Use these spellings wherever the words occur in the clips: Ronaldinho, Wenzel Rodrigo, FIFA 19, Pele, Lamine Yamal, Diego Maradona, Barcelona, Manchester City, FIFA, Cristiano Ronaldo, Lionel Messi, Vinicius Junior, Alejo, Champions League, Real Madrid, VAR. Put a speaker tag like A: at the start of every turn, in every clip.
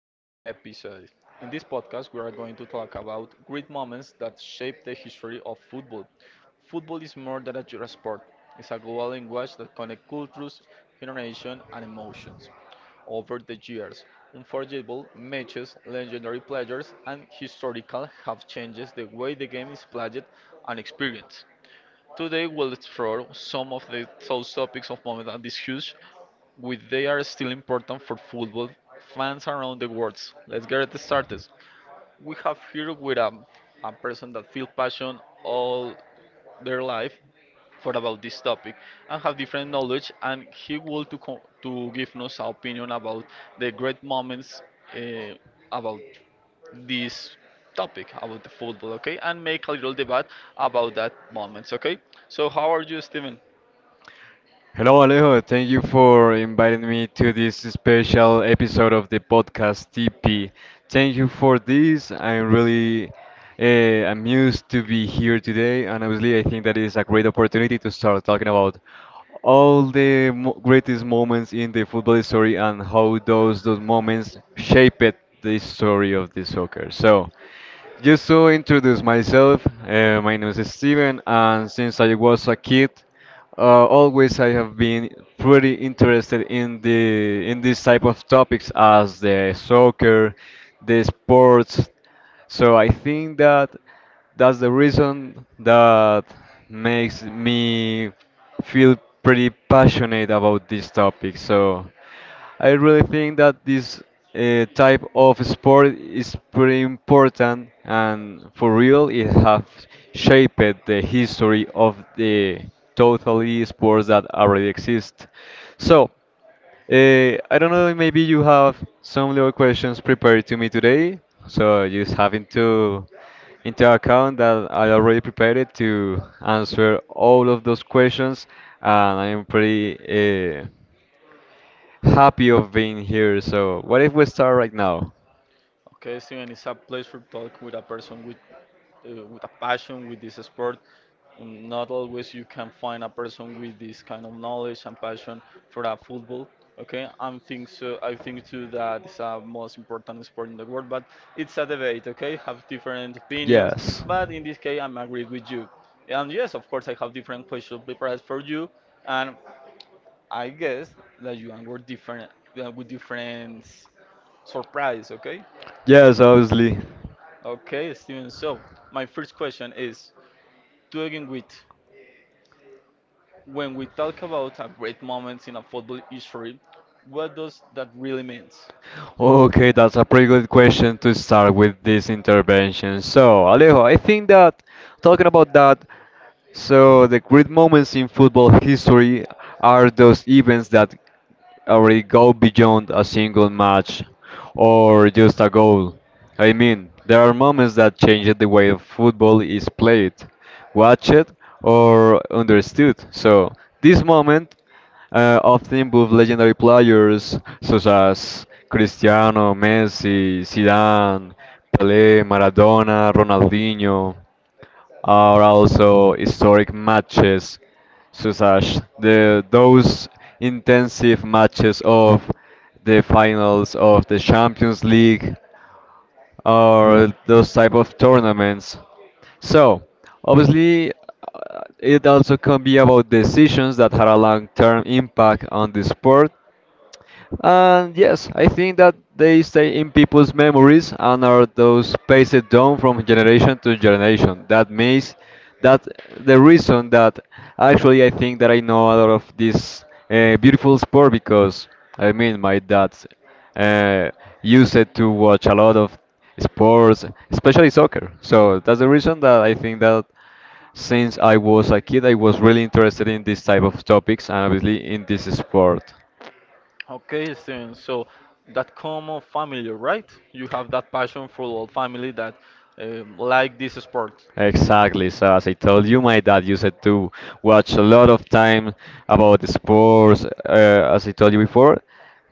A: this episode. In this podcast, we are going to talk about great moments that shape the history of football. Football is more than a just a sport; it's a global language that connects cultures, generations, and emotions. Over the years, unforgettable matches, legendary players, and historical have changed the way the game is played and experienced. Today, we'll explore some of the those topics of moments and discuss which they are still important for football fans around the world. Let's get it started. We have here with a person that feel passion all their life for about this topic and have different knowledge and he will to give us an opinion about the great moments uh, about this topic about the football, okay, and make a little debate about that moments, okay. So how are you, Steven?
B: Hello, Alejo. Thank you for inviting me to this special episode of the podcast TP. Thank you for this. I'm really amused to be here today, and obviously, I think that is a great opportunity to start talking about all the mo greatest moments in the football story and how those moments shaped the story of the soccer. So, just to introduce myself, my name is Steven, and since I was a kid. Always I have been pretty interested in the in this type of topics as the soccer, the sports. So I think that that's the reason that makes me feel pretty passionate about this topic. So I really think that this type of sport is pretty important, and for real, it have shaped the history of the totally sports that already exist. So, I don't know, maybe you have some little questions prepared to me today, so just having to into account that I already prepared it to answer all of those questions, and I'm pretty. Happy of being here. So, what if we start right now?
A: Okay, Steven, it's a place for talk with a person with a passion with this sport. Not always you can find a person with this kind of knowledge and passion for a football. Okay, I think so. I think too that it's a most important sport in the world, but it's a debate. Okay, have different opinions,
B: Yes.
A: but in this case, I'm agree with you. And yes, of course, I have different questions prepared for you, and I guess that you are different with different surprise. Okay.
B: Yes, obviously.
A: Okay, Steven. So, my first question is to begin with when we talk about a great moment in a football history, what does that really means?
B: Okay, that's a pretty good question to start with this intervention. So, Alejo, I think that talking about that. So the great moments in football history are those events that already go beyond a single match or just a goal. I mean, there are moments that change the way football is played, watched, or understood. So this moment often involve legendary players such as Cristiano, Messi, Zidane, Pelé, Maradona, Ronaldinho are also historic matches, such as the those intensive matches of the finals of the Champions League or those type of tournaments. So, obviously, it also can be about decisions that had a long-term impact on the sport and yes, I think that they stay in people's memories and are those passed down from generation to generation. That means that the reason that actually I think that I know a lot of this beautiful sport because I mean my dad uh, used it to watch a lot of sports, especially soccer. So that's the reason that I think that since I was a kid, I was really interested in this type of topics and obviously in this sport.
A: Okay, Steven. So, that common family, right? You have that passion for all family that like this sport.
B: Exactly. So as I told you, my dad used to watch a lot of time about the sports, as I told you before,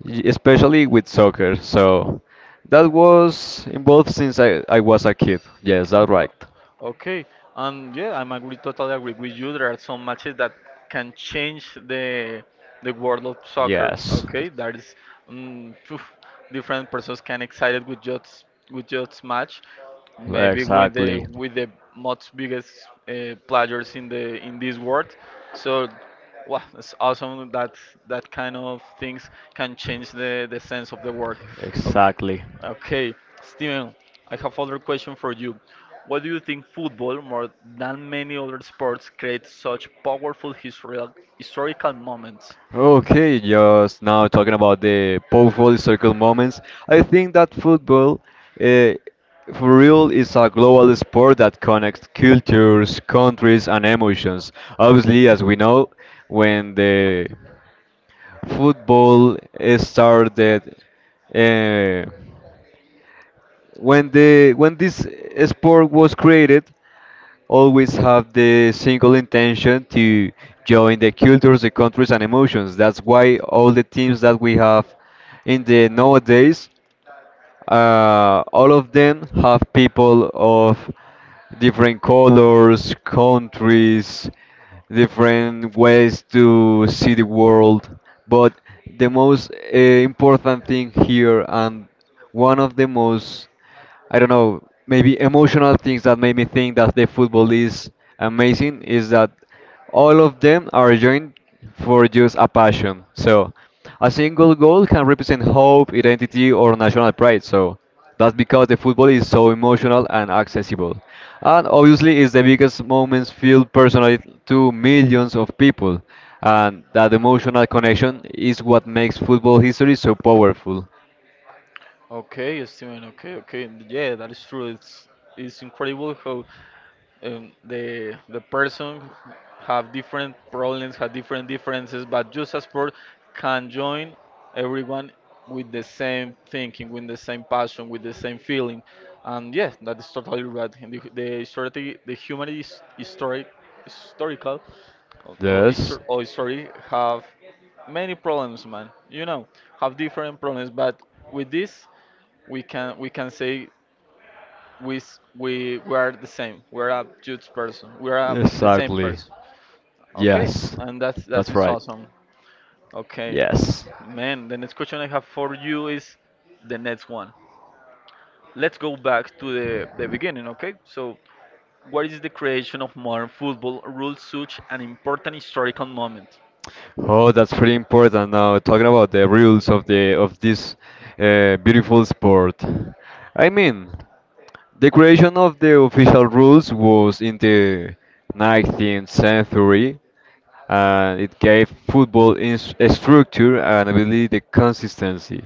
B: especially with soccer. So that was involved since I was a kid. Yes, that's
A: Oh,
B: right.
A: okay. And yeah, I'm agree, totally agree with you. There are some matches that can change the world of soccer.
B: Yes,
A: Okay, that is phew, different persons can excited with just match. Maybe with the
B: exactly,
A: with the most biggest players in the in this world. So wow, it's awesome that that kind of things can change the sense of the world. Okay,
B: exactly.
A: okay, Steven. I have other question for you. Why do you think football, more than many other sports, creates such powerful historical moments?
B: Okay, just now talking about the powerful historical moments. I think that football, uh, for real, is a global sport that connects cultures, countries, and emotions. Obviously, as we know, when the football started, uh, when the when this sport was created, always have the single intention to join the cultures, the countries, and emotions. That's why all the teams that we have in the nowadays, all of them have people of different colors, countries, different ways to see the world. But the most important thing here, and one of the most I don't know, maybe emotional things that made me think that the football is amazing is that all of them are joined for just a passion. So a single goal can represent hope, identity, or national pride. So that's because the football is so emotional and accessible. And obviously, it's the biggest moments felt personally to millions of people. And that emotional connection is what makes football history so powerful.
A: Okay, Steven. Okay, okay. Yeah, that is true. It's incredible how the person have different problems, have different differences, but just as sport can join everyone with the same thinking, with the same passion, with the same feeling, and yes, that is totally right. And the historically, the humanity is historic, historical, or, or,
B: Yes,
A: histor- or history have many problems, man. Have different problems, but with this we can say we are the same. We're a huge person. We're the same
B: exactly.
A: person. Okay,
B: Yes,
A: and that's that
B: that's
A: is
B: right.
A: awesome. Okay,
B: Yes.
A: man. The next question I have for you is the next one. Let's go back to the beginning. Okay, so what is the creation of modern football rules such an important historical moment?
B: Oh, that's pretty important. Now, talking about the rules of the of this beautiful sport. I mean, the creation of the official rules was in the 19th century. It gave football in a structure and I believe the consistency.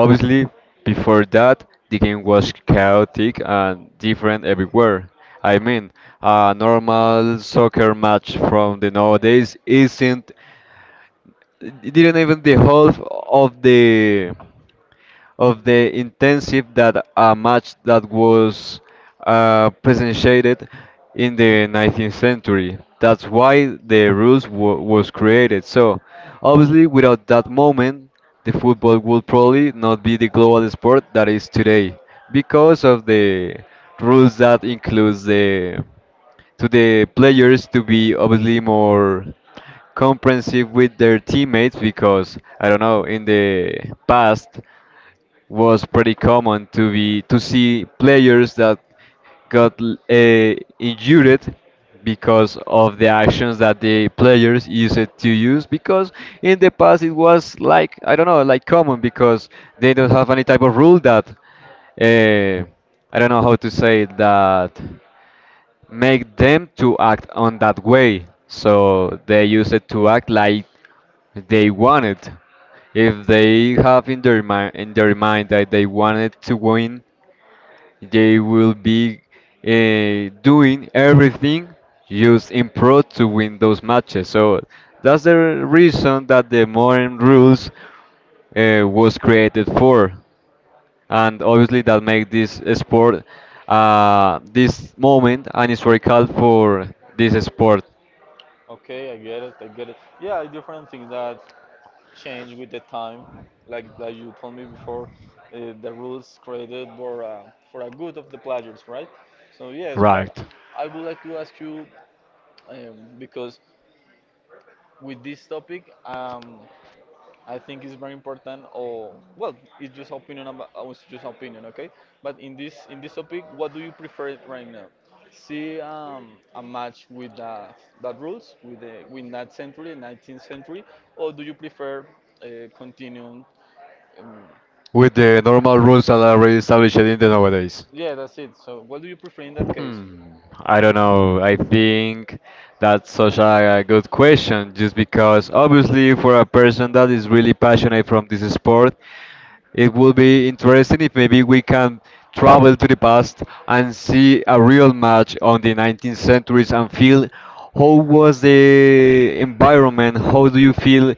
B: Obviously, before that, the game was chaotic and different everywhere. I mean, a normal soccer match from the nowadays isn't, it didn't even the half of the intensive that a match that was presented in the 19th century. That's why the rules wa was created. So obviously, without that moment, the football would probably not be the global sport that is today because of the rules that includes the to the players to be obviously more comprehensive with their teammates because I don't know in the past was pretty common to be to see players that got uh, injured because of the actions that the players used to use because in the past it was like I don't know like common because they don't have any type of rule that uh, I don't know how to say it, that make them to act on that way so they use it to act like they wanted, if they have in their mind that they wanted to win, they will be doing everything just in pro to win those matches. So that's the reason that the modern rules was created for, and obviously that make this sport, this moment, an historical for this sport.
A: Okay, I get it. I get it. Yeah, I different things that change with the time, like you told me before, the rules created for a good of the players, right? So yes, but
B: Right.
A: I would like to ask you because with this topic, I think it's very important. Or well, it's just opinion. It's just opinion, okay? But in this topic, what do you prefer right now? See a match with that rules with that century, 19th century, or do you prefer continuing um,
B: With the
A: uh,
B: normal rules that are already established in the nowadays.
A: yeah, that's it. So, what do you prefer in that case?
B: Hmm, I don't know. I think that's such a good question, just because obviously for a person that is really passionate from this sport, it will be interesting if maybe we can travel to the past and see a real match on the 19th centuries and feel how was the environment, how do you feel,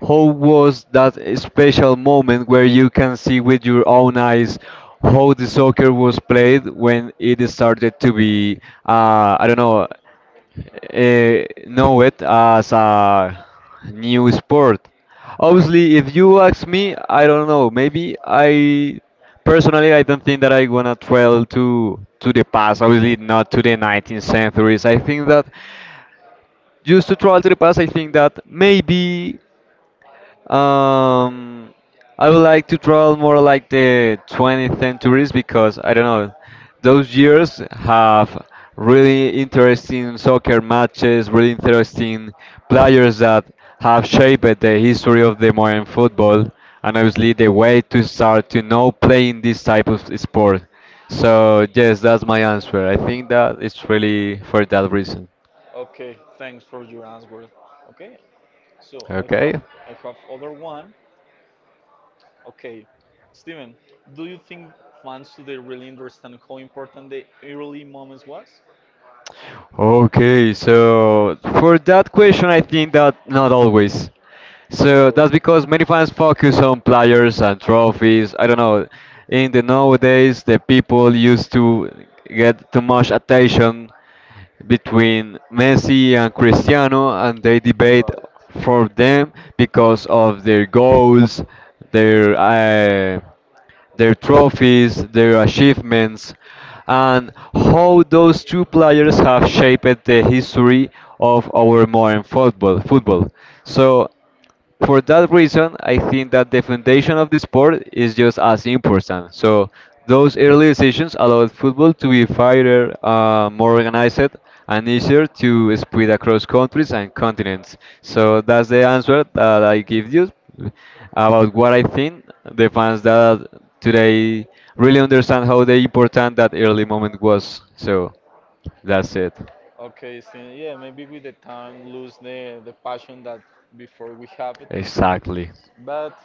B: how was that special moment where you can see with your own eyes how the soccer was played when it started to be, I don't know it as a new sport. Obviously, if you ask me, I don't know. Maybe I personally, I don't think that I wanna travel to the past. Obviously, not to the 19th centuries. I think that just to travel to the past, I think that maybe. Um, I would like to travel more like the 20th centuries because I don't know, those years have really interesting soccer matches, really interesting players that have shaped the history of the modern football and obviously the way to start to know playing this type of sport. So yes, that's my answer. I think that it's really for that reason.
A: Okay, thanks for your answer. Okay, so I
B: Okay.
A: have I have other one. Okay, Steven, do you think fans today really understand how important the early moments was?
B: Okay, so for that question, I think that not always. So
A: Okay.
B: that's because many fans focus on players and trophies. I don't know. In the nowadays, the people used to get too much attention between Messi and Cristiano, and they debate
A: Right.
B: for them because of their goals, their uh, their trophies, their achievements, and how those two players have shaped the history of our modern football. Football. So for that reason, I think that the foundation of the sport is just as important. So those early decisions allowed football to be faster, more organized, and easier to spread across countries and continents. So that's the answer that I give you about what I think the fans that today really understand how the important that early moment was. So that's
A: O-
B: it.
A: Okay, so yeah, maybe with the time lose the passion that before we have it,
B: Exactly.
A: but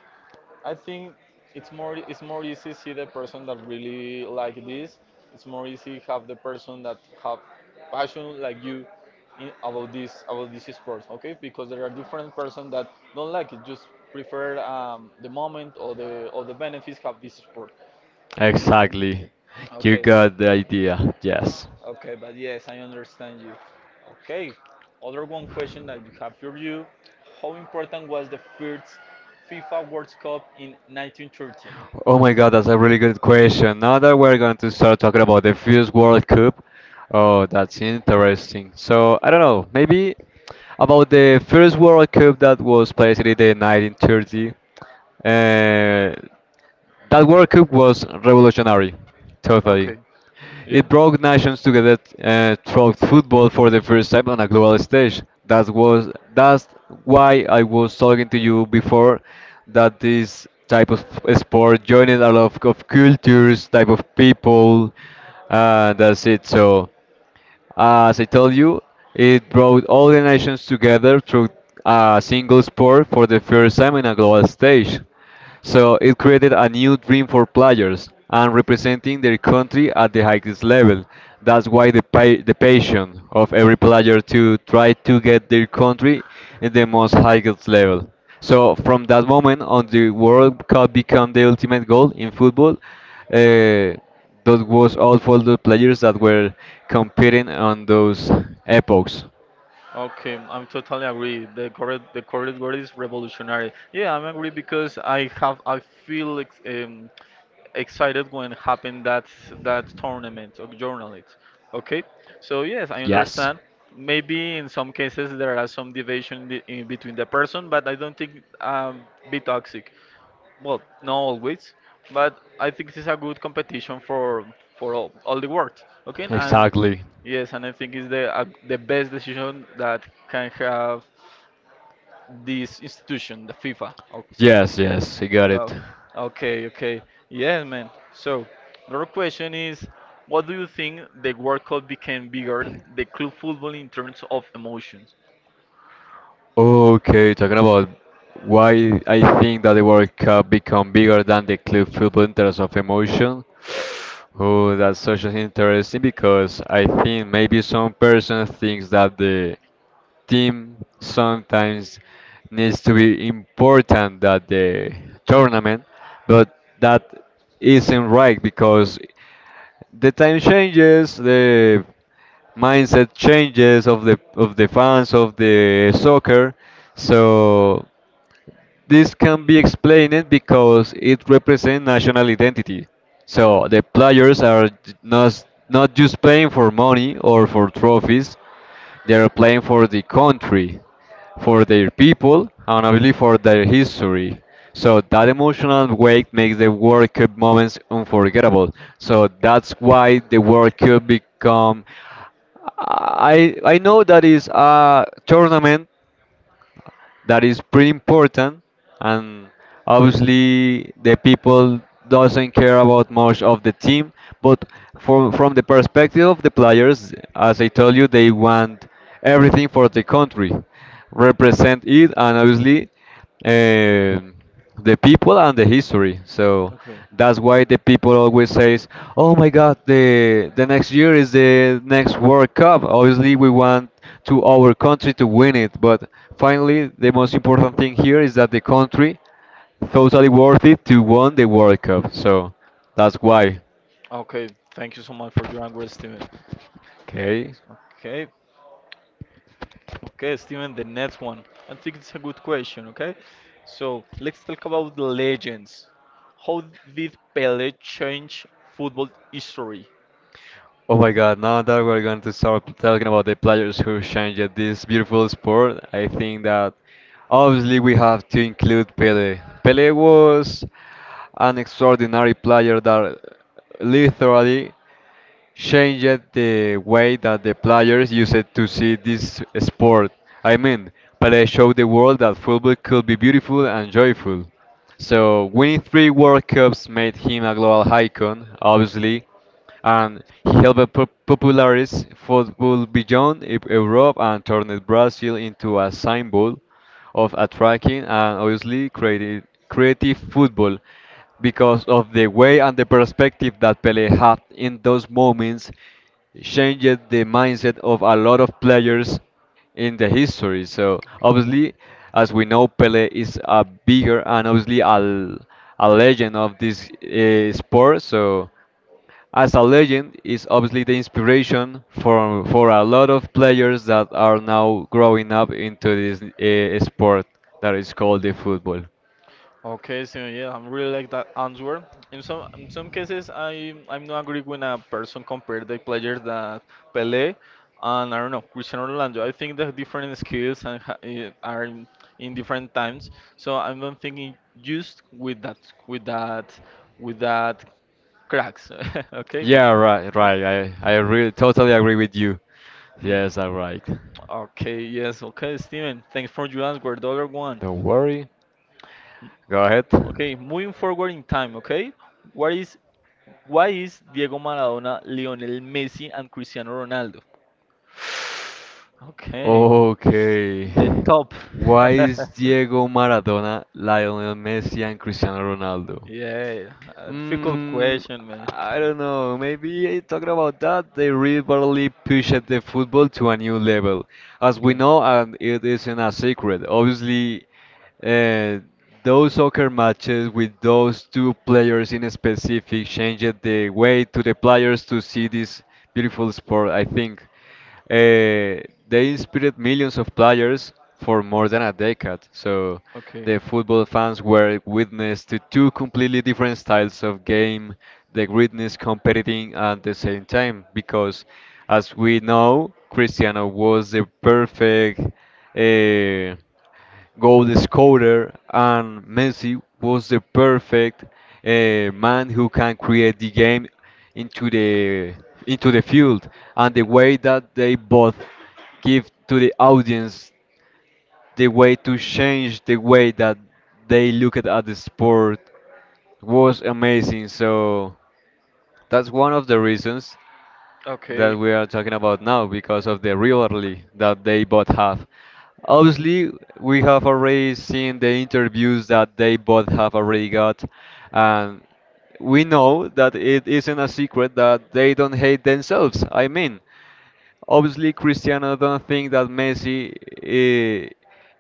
A: I think it's more easy see the person that really like this. It's more easy have the person that have passion like you in, about this sport, okay? Because there are different person that don't like it, just prefer the moment or the benefits have this sport. Right?
B: Exactly. You
A: Okay,
B: got the idea.
A: O-
B: Yes.
A: Okay, but yes, I understand you. Okay, other one question that you have for you: How important was the first FIFA World Cup in 1913?
B: Oh my god, that's a really good question. Now that we're going to start talking about the first World Cup, oh, that's interesting. So, I don't know, maybe about the first World Cup that was played in the 1930, uh, that World Cup was revolutionary, totally.
A: Okay. Yeah.
B: It brought nations together through football for the first time on a global stage. That's why I was talking to you before that this type of sport joined a lot of cultures, type of people. That's it. So. As I told you, it brought all the nations together through a single sport for the first time in a global stage. So it created a new dream for players and representing their country at the highest level. That's why the passion of every player to try to get their country in the most highest level. So from that moment on, the World Cup became the ultimate goal in football. Uh, that was all for the players that were competing on those epochs.
A: Okay, I'm totally agree. The correct word is revolutionary. Yeah, I'm agree because I feel ex excited when happened that tournament of journalists. Okay, so yes, I
B: Yes,
A: understand. Maybe in some cases there are some division in between the person, but I don't think be toxic. Well, not always, but I think this is a good competition for all the world. Okay, and
B: exactly.
A: yes, and I think it's the best decision that can have this institution, the FIFA. Oh,
B: Yes, I got it.
A: No. Okay, okay. Yes, man. So, another question is, what do you think the World Cup became bigger, the club football in terms of emotions?
B: Okay, talking about why I think that the World Cup become bigger than the club football in terms of emotion. Oh, that's such an interesting because I think maybe some person thinks that the team sometimes needs to be important at the tournament, but that isn't right because the time changes, the mindset changes of the fans of the soccer. So this can be explained because it represents national identity.
A: Yeah.
B: So the players are not just playing for money or for trophies. They're playing for the country, for their people, and obviously for their history. So that emotional weight makes the World Cup moments unforgettable. So that's why the World Cup become. I know that is a tournament that is pretty important, and obviously the people doesn't care about much of the team, but from the perspective of the players, as I told you, they want everything for the country, represent it, and obviously, um, the people and the history. So
A: Okay.
B: that's why the people always says, "Oh my God, the next year is the next World Cup." Obviously, we want to our country to win it, but finally, the most important thing here is that the country totally worth it to won the World Cup. So that's why.
A: Okay. Thank you so much for your answer, Steven.
B: Okay.
A: Okay. Okay, Steven, the next one. I think it's a good question, okay? So let's talk about the legends. How did Pele change football history?
B: Oh my God, now that we're going to start talking about the players who changed this beautiful sport, I think that obviously we have to include Pele. Pele was an extraordinary player that literally changed the way that the players used to see this sport. I mean, Pelé showed the world that football could be beautiful and joyful. So winning three World Cups made him a global icon, obviously, and he helped popularize football beyond Europe and turned Brazil into a symbol of attracting and obviously creative football because of the way and the perspective that Pele had in those moments changed the mindset of a lot of players in the history. So
A: Okay.
B: obviously, as we know, Pele is a bigger and obviously a legend of this sport. So as a legend is obviously the inspiration for a lot of players that are now growing up into this sport that is called the football.
A: Okay, so yeah, I really like that answer. In some cases, I'm not agree when a person compare the players that Pele and I don't know Cristiano Ronaldo. I think the different skills and are in different times. So I'm not thinking just with that with that cracks. Okay, good.
B: Yeah, right, right. I really totally agree with you.
A: Mm.
B: Yes, all right.
A: Okay, yes, okay, Steven. Thanks for your answer. The other one.
B: Don't worry. Go ahead.
A: Okay, moving forward in time, okay? What is Why is Diego Maradona, Lionel Messi, and Cristiano Ronaldo? Okay,
B: Okay.
A: the top.
B: Why is Diego Maradona, Lionel Messi, and Cristiano Ronaldo?
A: Yeah, a difficult
B: Mm,
A: question, man.
B: I don't know. Maybe talking about that, they really pushed the football to a new level. As we
A: Okay,
B: know, and it isn't a secret, obviously, uh, those soccer matches with those two players in specific changed the way to the players to see this beautiful sport, I think. Uh, they inspired millions of players for more than a decade. So
A: okay.
B: the football fans were witness to two completely different styles of game, the greatness competing at the same time. Because, as we know, Cristiano was the perfect. Uh, Goal scorer, and Messi was the perfect man who can create the game into the into the field, and the
A: Okay.
B: way that they both give to the audience the way to change the way that they look at the sport was amazing. So that's one of the reasons that
A: Okay,
B: we are talking about now because of the rivalry that they both have. Obviously, we have already seen the interviews that they both have already got, and we know that it isn't a secret that they don't hate themselves. I mean, obviously, Cristiano don't think that Messi eh,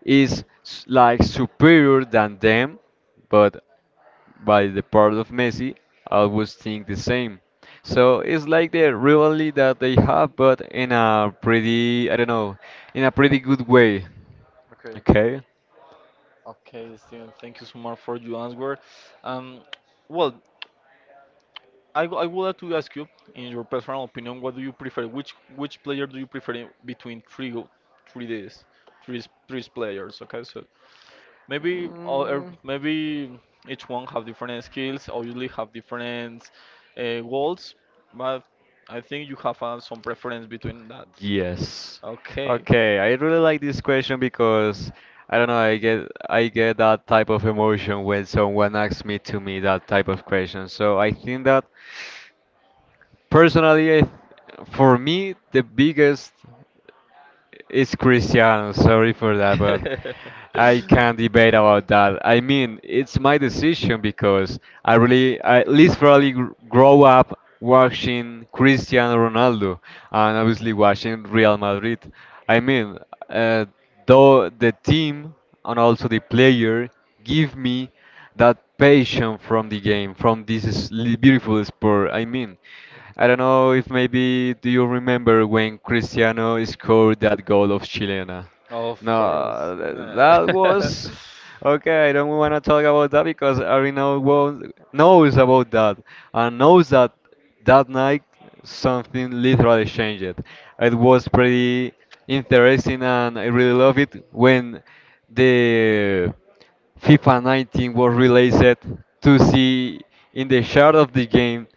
B: is like superior than them, but by the part of Messi, I always think the same. So it's like the rivalry that they have, but in a pretty, I don't know, in a pretty good way.
A: okay,
B: Okay?
A: okay, Steven. Thank you so much for your answer. Um, well, I would like to ask you, in your personal opinion, what do you prefer? Which player do you prefer between 3 days, three players? Okay, so maybe all- er,
B: Mm,
A: maybe each one have different skills, obviously have different goals, but I think you have some preference between that.
B: yes.
A: Okay.
B: Okay, I really like this question because I don't know, I get that type of emotion when someone asks me to me that type of question. So I think that personally, I, for me, the biggest. It's Cristiano. Sorry for that, but I can't debate about that. I mean, it's my decision because I really, I literally grow up watching Cristiano Ronaldo and obviously watching Real Madrid. I mean, uh, though the team and also the player give me that passion from the game, from this beautiful sport. I mean, I don't know if maybe do you remember when Cristiano scored that goal of Chilena?
A: Of course.
B: No, that was okay. I don't want to talk about that because Arino knows about that and knows that that night something literally changed. It was pretty interesting and I really love it when the FIFA 19 was released to see in the start of the game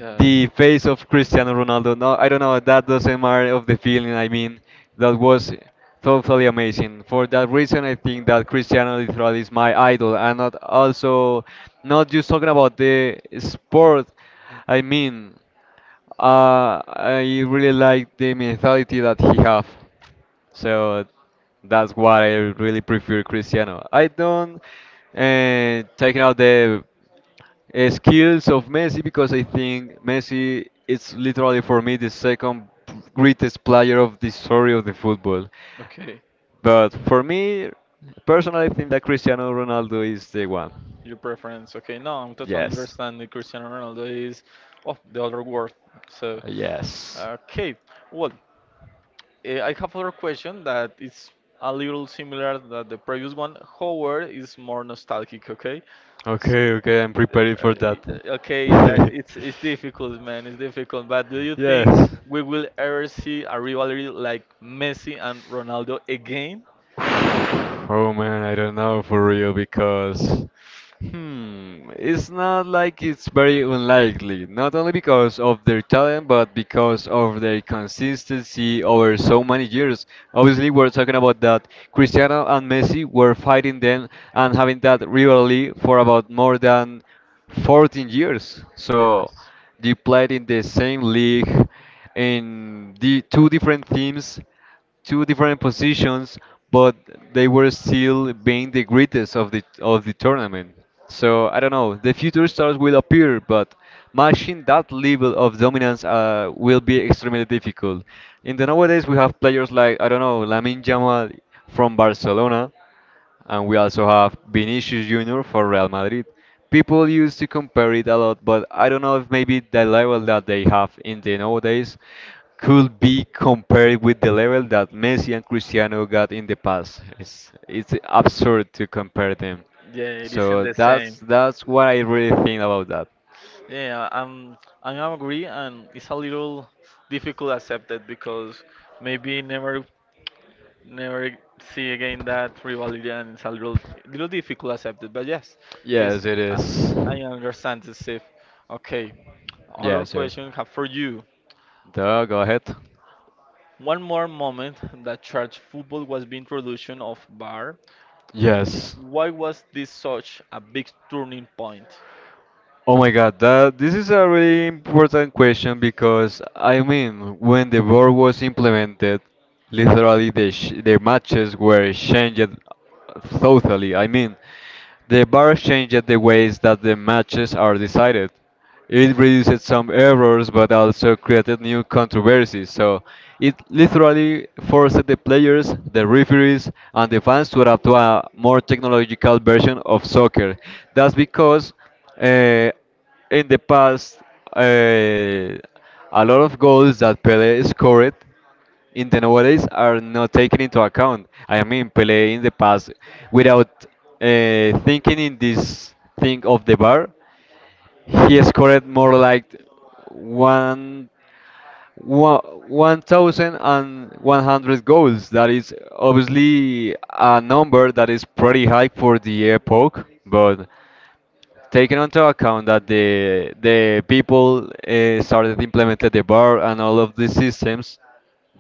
A: Yeah.
B: the face of Cristiano Ronaldo. No, I don't know. That doesn't matter of the feeling. I mean, that was totally amazing. For that reason, I think that Cristiano literally is my idol, and not also not just talking about the sport. I mean, I really like the mentality that he have. So that's why I really prefer Cristiano. I don't taking out the skills of Messi because I think Messi is literally for me the second greatest player of the story of the football.
A: Okay,
B: But for me, personally, I think that Cristiano Ronaldo is the one.
A: your preference. Okay, no, I'm totally
B: Yes,
A: understanding. Cristiano Ronaldo is, well, the other word. So,
B: yes.
A: okay. Well, I have other question that is a little similar that the previous one. However, is more nostalgic. Okay,
B: Okay, okay, I'm prepared for that.
A: Okay, that it's difficult, man. It's difficult. But do you think
B: Yes.
A: we will ever see a rivalry like Messi and Ronaldo again?
B: Oh man, I don't know for real because it's not like it's very unlikely. Not only because of their talent, but because of their consistency over so many years. Obviously, we're talking about that Cristiano and Messi were fighting then and having that rivalry for about more than 14 years. So.
A: Yes.
B: They played in the same league, in the two different teams, two different positions, but they were still being the greatest of the tournament. So I don't know. The future stars will appear, but matching that level of dominance will be extremely difficult. In the nowadays, we have players like I don't know Lamine Yamal from Barcelona, and we also have Vinicius Junior for Real Madrid. People used to compare it a lot, but I don't know if maybe the level that they have in the nowadays could be compared with the level that Messi and Cristiano got in the past. It's absurd to compare them.
A: Yeah, it isn't
B: So
A: the same.
B: that's what I really think about that.
A: Yeah, I agree, and it's a little difficult accepted because maybe never, never see again that rivalry, and it's a little, little difficult accepted. But yes, yes,
B: Yes, it
A: I,
B: is.
A: I understand this. If Okay, other
B: Yes, sir.
A: question I have for you:
B: Duh, go ahead.
A: One more moment that church football was the introduction of VAR. W-
B: Yes.
A: Why was this such a big turning point?
B: Oh my God, that this is a really important question because I mean, when the war was implemented, literally the matches were changed totally. I mean, the bar changed the ways that the matches are decided. It reduced some errors but also created new controversies. So it literally forced the players, the referees, and the fans to adapt to a more technological version of soccer. That's because uh, in the past, uh, a lot of goals that Pele scored in the nowadays are not taken into account. I mean, Pele in the past, without thinking in this thing of the bar, he scored more like one, one, 1,100 goals. That is obviously a number that is pretty high for the epoch, but taking into account that the people started implemented the bar and all of these systems,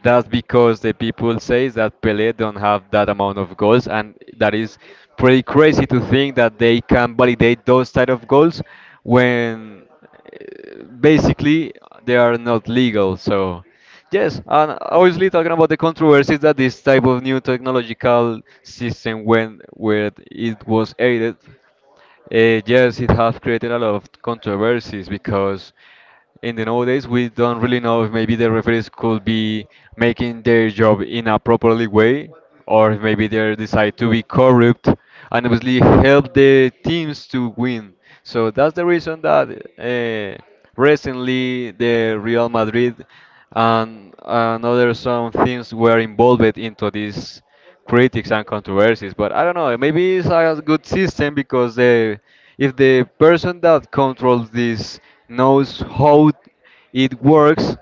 B: that's because the people say that Pelé don't have that amount of goals, and that is pretty crazy to think that they can validate those type of goals when basically they are not legal. So. Yes, and obviously talking about the controversies that this type of new technological system when where it was aided yes, it has created a lot of controversies because in the nowadays we don't really know if maybe the referees could be making their job in a properly way or if maybe they decide to be corrupt and obviously help the teams to win. So that's the reason that uh, recently the Real Madrid and another some things were involved into this critics and controversies. But I don't know. Maybe it's a good system because the if the person that controls this knows how it works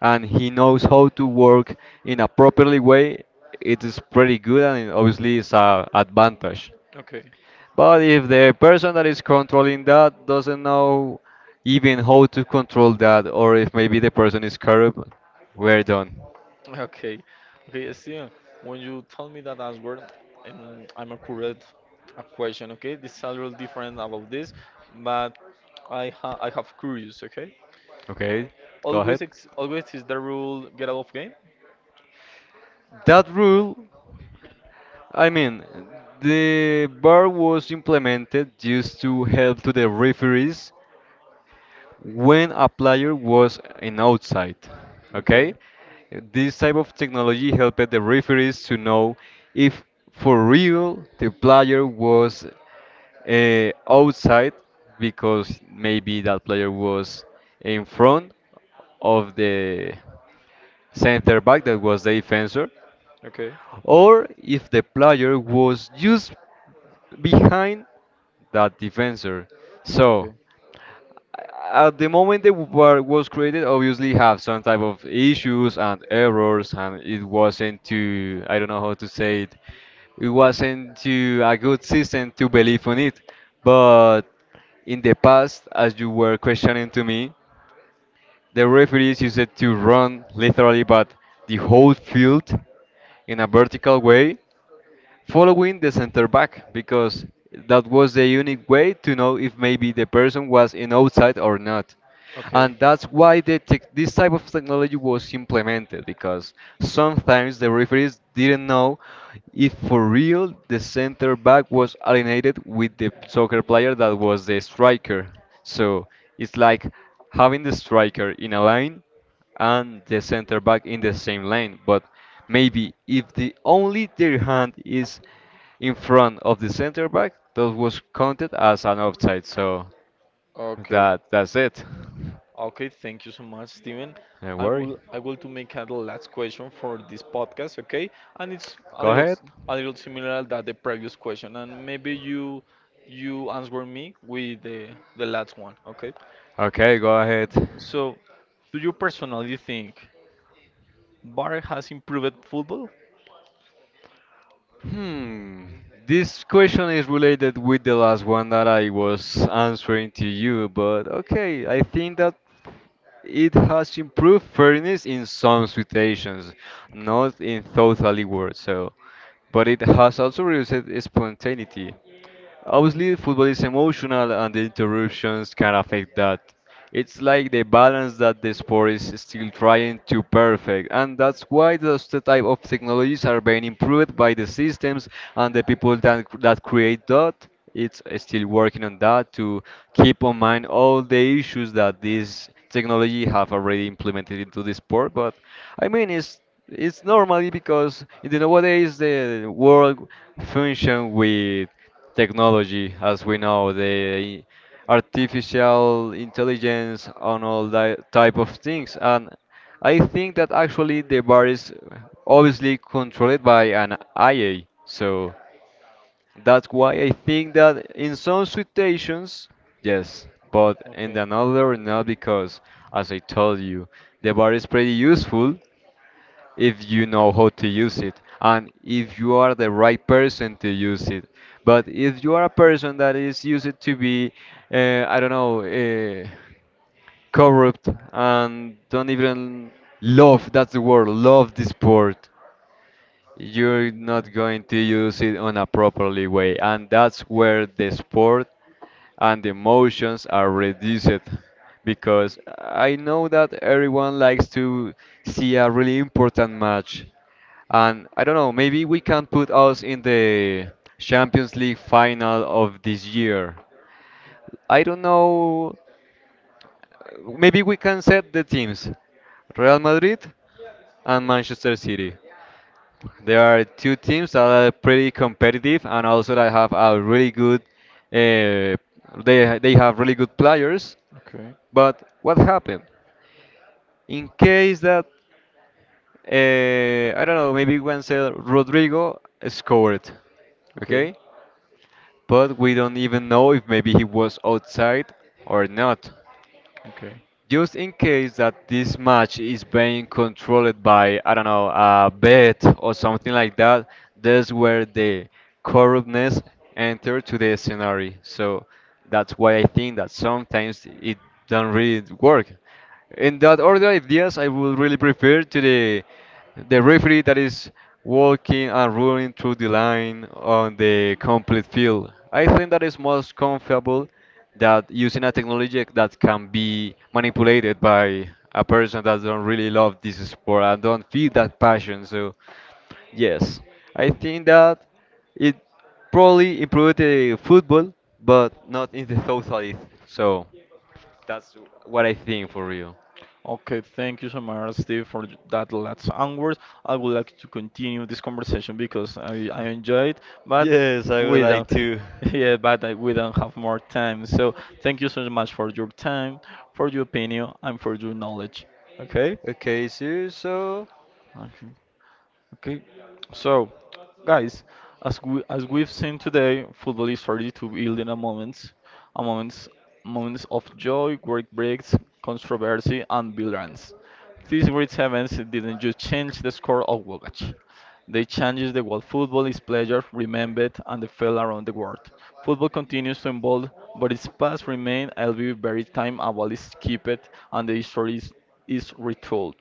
B: and he knows how to work in a properly way, it is pretty good and it obviously it's a advantage.
A: Okay,
B: But if the person that is controlling that doesn't know even how to control that, or if maybe the person is corrupt, we're done.
A: okay, okay, Steven. When you tell me that answer, I'm accurate a question. Okay, this is a little different about this, but I have curious. Okay,
B: Okay, go ahead.
A: always is the rule get out of game.
B: That rule I mean, the bar was implemented just to help to the referees when a player was in outside.
A: Okay,
B: Okay? This type of technology helped the referees to know if for real the player was outside because maybe that player was in front of the center back that was the defender
A: okay,
B: or if the player was just behind that defender. So at the moment the war was created, obviously have some type of issues and errors, and it wasn't too I don't know how to say it. It wasn't too a good system to believe on it. But in the past, as you were questioning to me, the referees used it to run literally, but the whole field in a vertical way following the center back because that was the unique way to know if maybe the person was in outside or not.
A: okay,
B: And that's why the tech this type of technology
A: okay.
B: was implemented because sometimes the referees didn't know if for real the center back was alienated with the soccer player that was the striker. So it's like having the striker in a line and the center back in the same lane. But maybe if the only their hand is in front of the center back, that was counted as an offside. So
A: Okay.
B: that's it.
A: Okay, thank you so much, Steven.
B: Don't
A: I
B: worry.
A: will I will to make a last question for this podcast, okay? And it's a
B: Go
A: little
B: ahead.
A: s- a little similar that the previous question, and maybe you answer me with the last one, okay?
B: Okay, go ahead.
A: So, do you personally think VAR has improved football?
B: Hmm. This question is related with the last one that I was answering to you, but okay, I think that it has improved fairness in some situations,
A: Okay.
B: not in totally words. So, but it has also reduced spontaneity. Obviously, football is emotional, and the interruptions can affect that. It's like the balance that the sport is still trying to perfect, and that's why those the type of technologies are being improved by the systems and the people that create that. It's still working on that to keep on mind all the issues that this technology have already implemented into the sport. But I mean, it's normally because in the nowadays the world function with technology as we know, the artificial intelligence and all that type of things. And I think that actually the bar is obviously controlled by an IA. So that's why I think that in some situations, yes, but in
A: Okay.
B: another not because, as I told you, the bar is pretty useful if you know how to use it and if you are the right person to use it. But if you are a person that is used it to be, I don't know, corrupt and don't even love, that's the word, love the sport. You're
A: Okay.
B: not going to use it on a properly way, and that's where the sport and the emotions are reduced because I know that everyone likes to see a really important match. And I don't know, maybe we can put us in the Champions League final of this year. I don't know, maybe we can set the teams Real Madrid and Manchester City. There are two teams that are pretty competitive and also that have a really good. Uh, they have really good players,
A: Okay,
B: but what happened? In case that I don't know, maybe Wenzel Rodrigo scored,
A: okay,
B: okay, but we don't even know if maybe he was outside or not.
A: okay.
B: Just in case that this match is being controlled by, I don't know, a bet or something like that, that's where the corruptness enter to the scenario. So that's why I think that sometimes it don't really work. In that order of ideas, I would really prefer to the referee that is walking and running through the line on the complete field. I think that is most comfortable that using a technology that can be manipulated by a person that don't really love this sport and don't feel that passion. So yes, I think that it probably improved the football, but not in the totality. So what I think for real.
A: Okay, thank you so much, Steve, for that last onwards. I would like to continue this conversation because I enjoy it, but
B: Yes, I would
A: we
B: like
A: don't,
B: to.
A: yeah, but we don't have more time. So thank you so much for your time, for your opinion, and for your knowledge. Okay?
B: Okay, so
A: Okay. Okay, so guys, as we've seen today, football is started to build in a moments, moments of joy, work breaks, controversy, and violence. These great events didn't just change the score of Wogach. They changed the world. Football is pleasure, remembered, and the fell around the world. Football continues to evolve, but its past remains, albeit very time, a while it's kept, and the history is retold.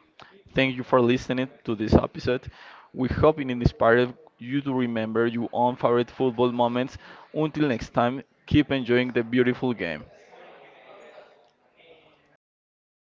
A: Thank you for listening to this episode. We hope it inspired you to remember your own favorite football moments. Until next time, keep enjoying the beautiful game.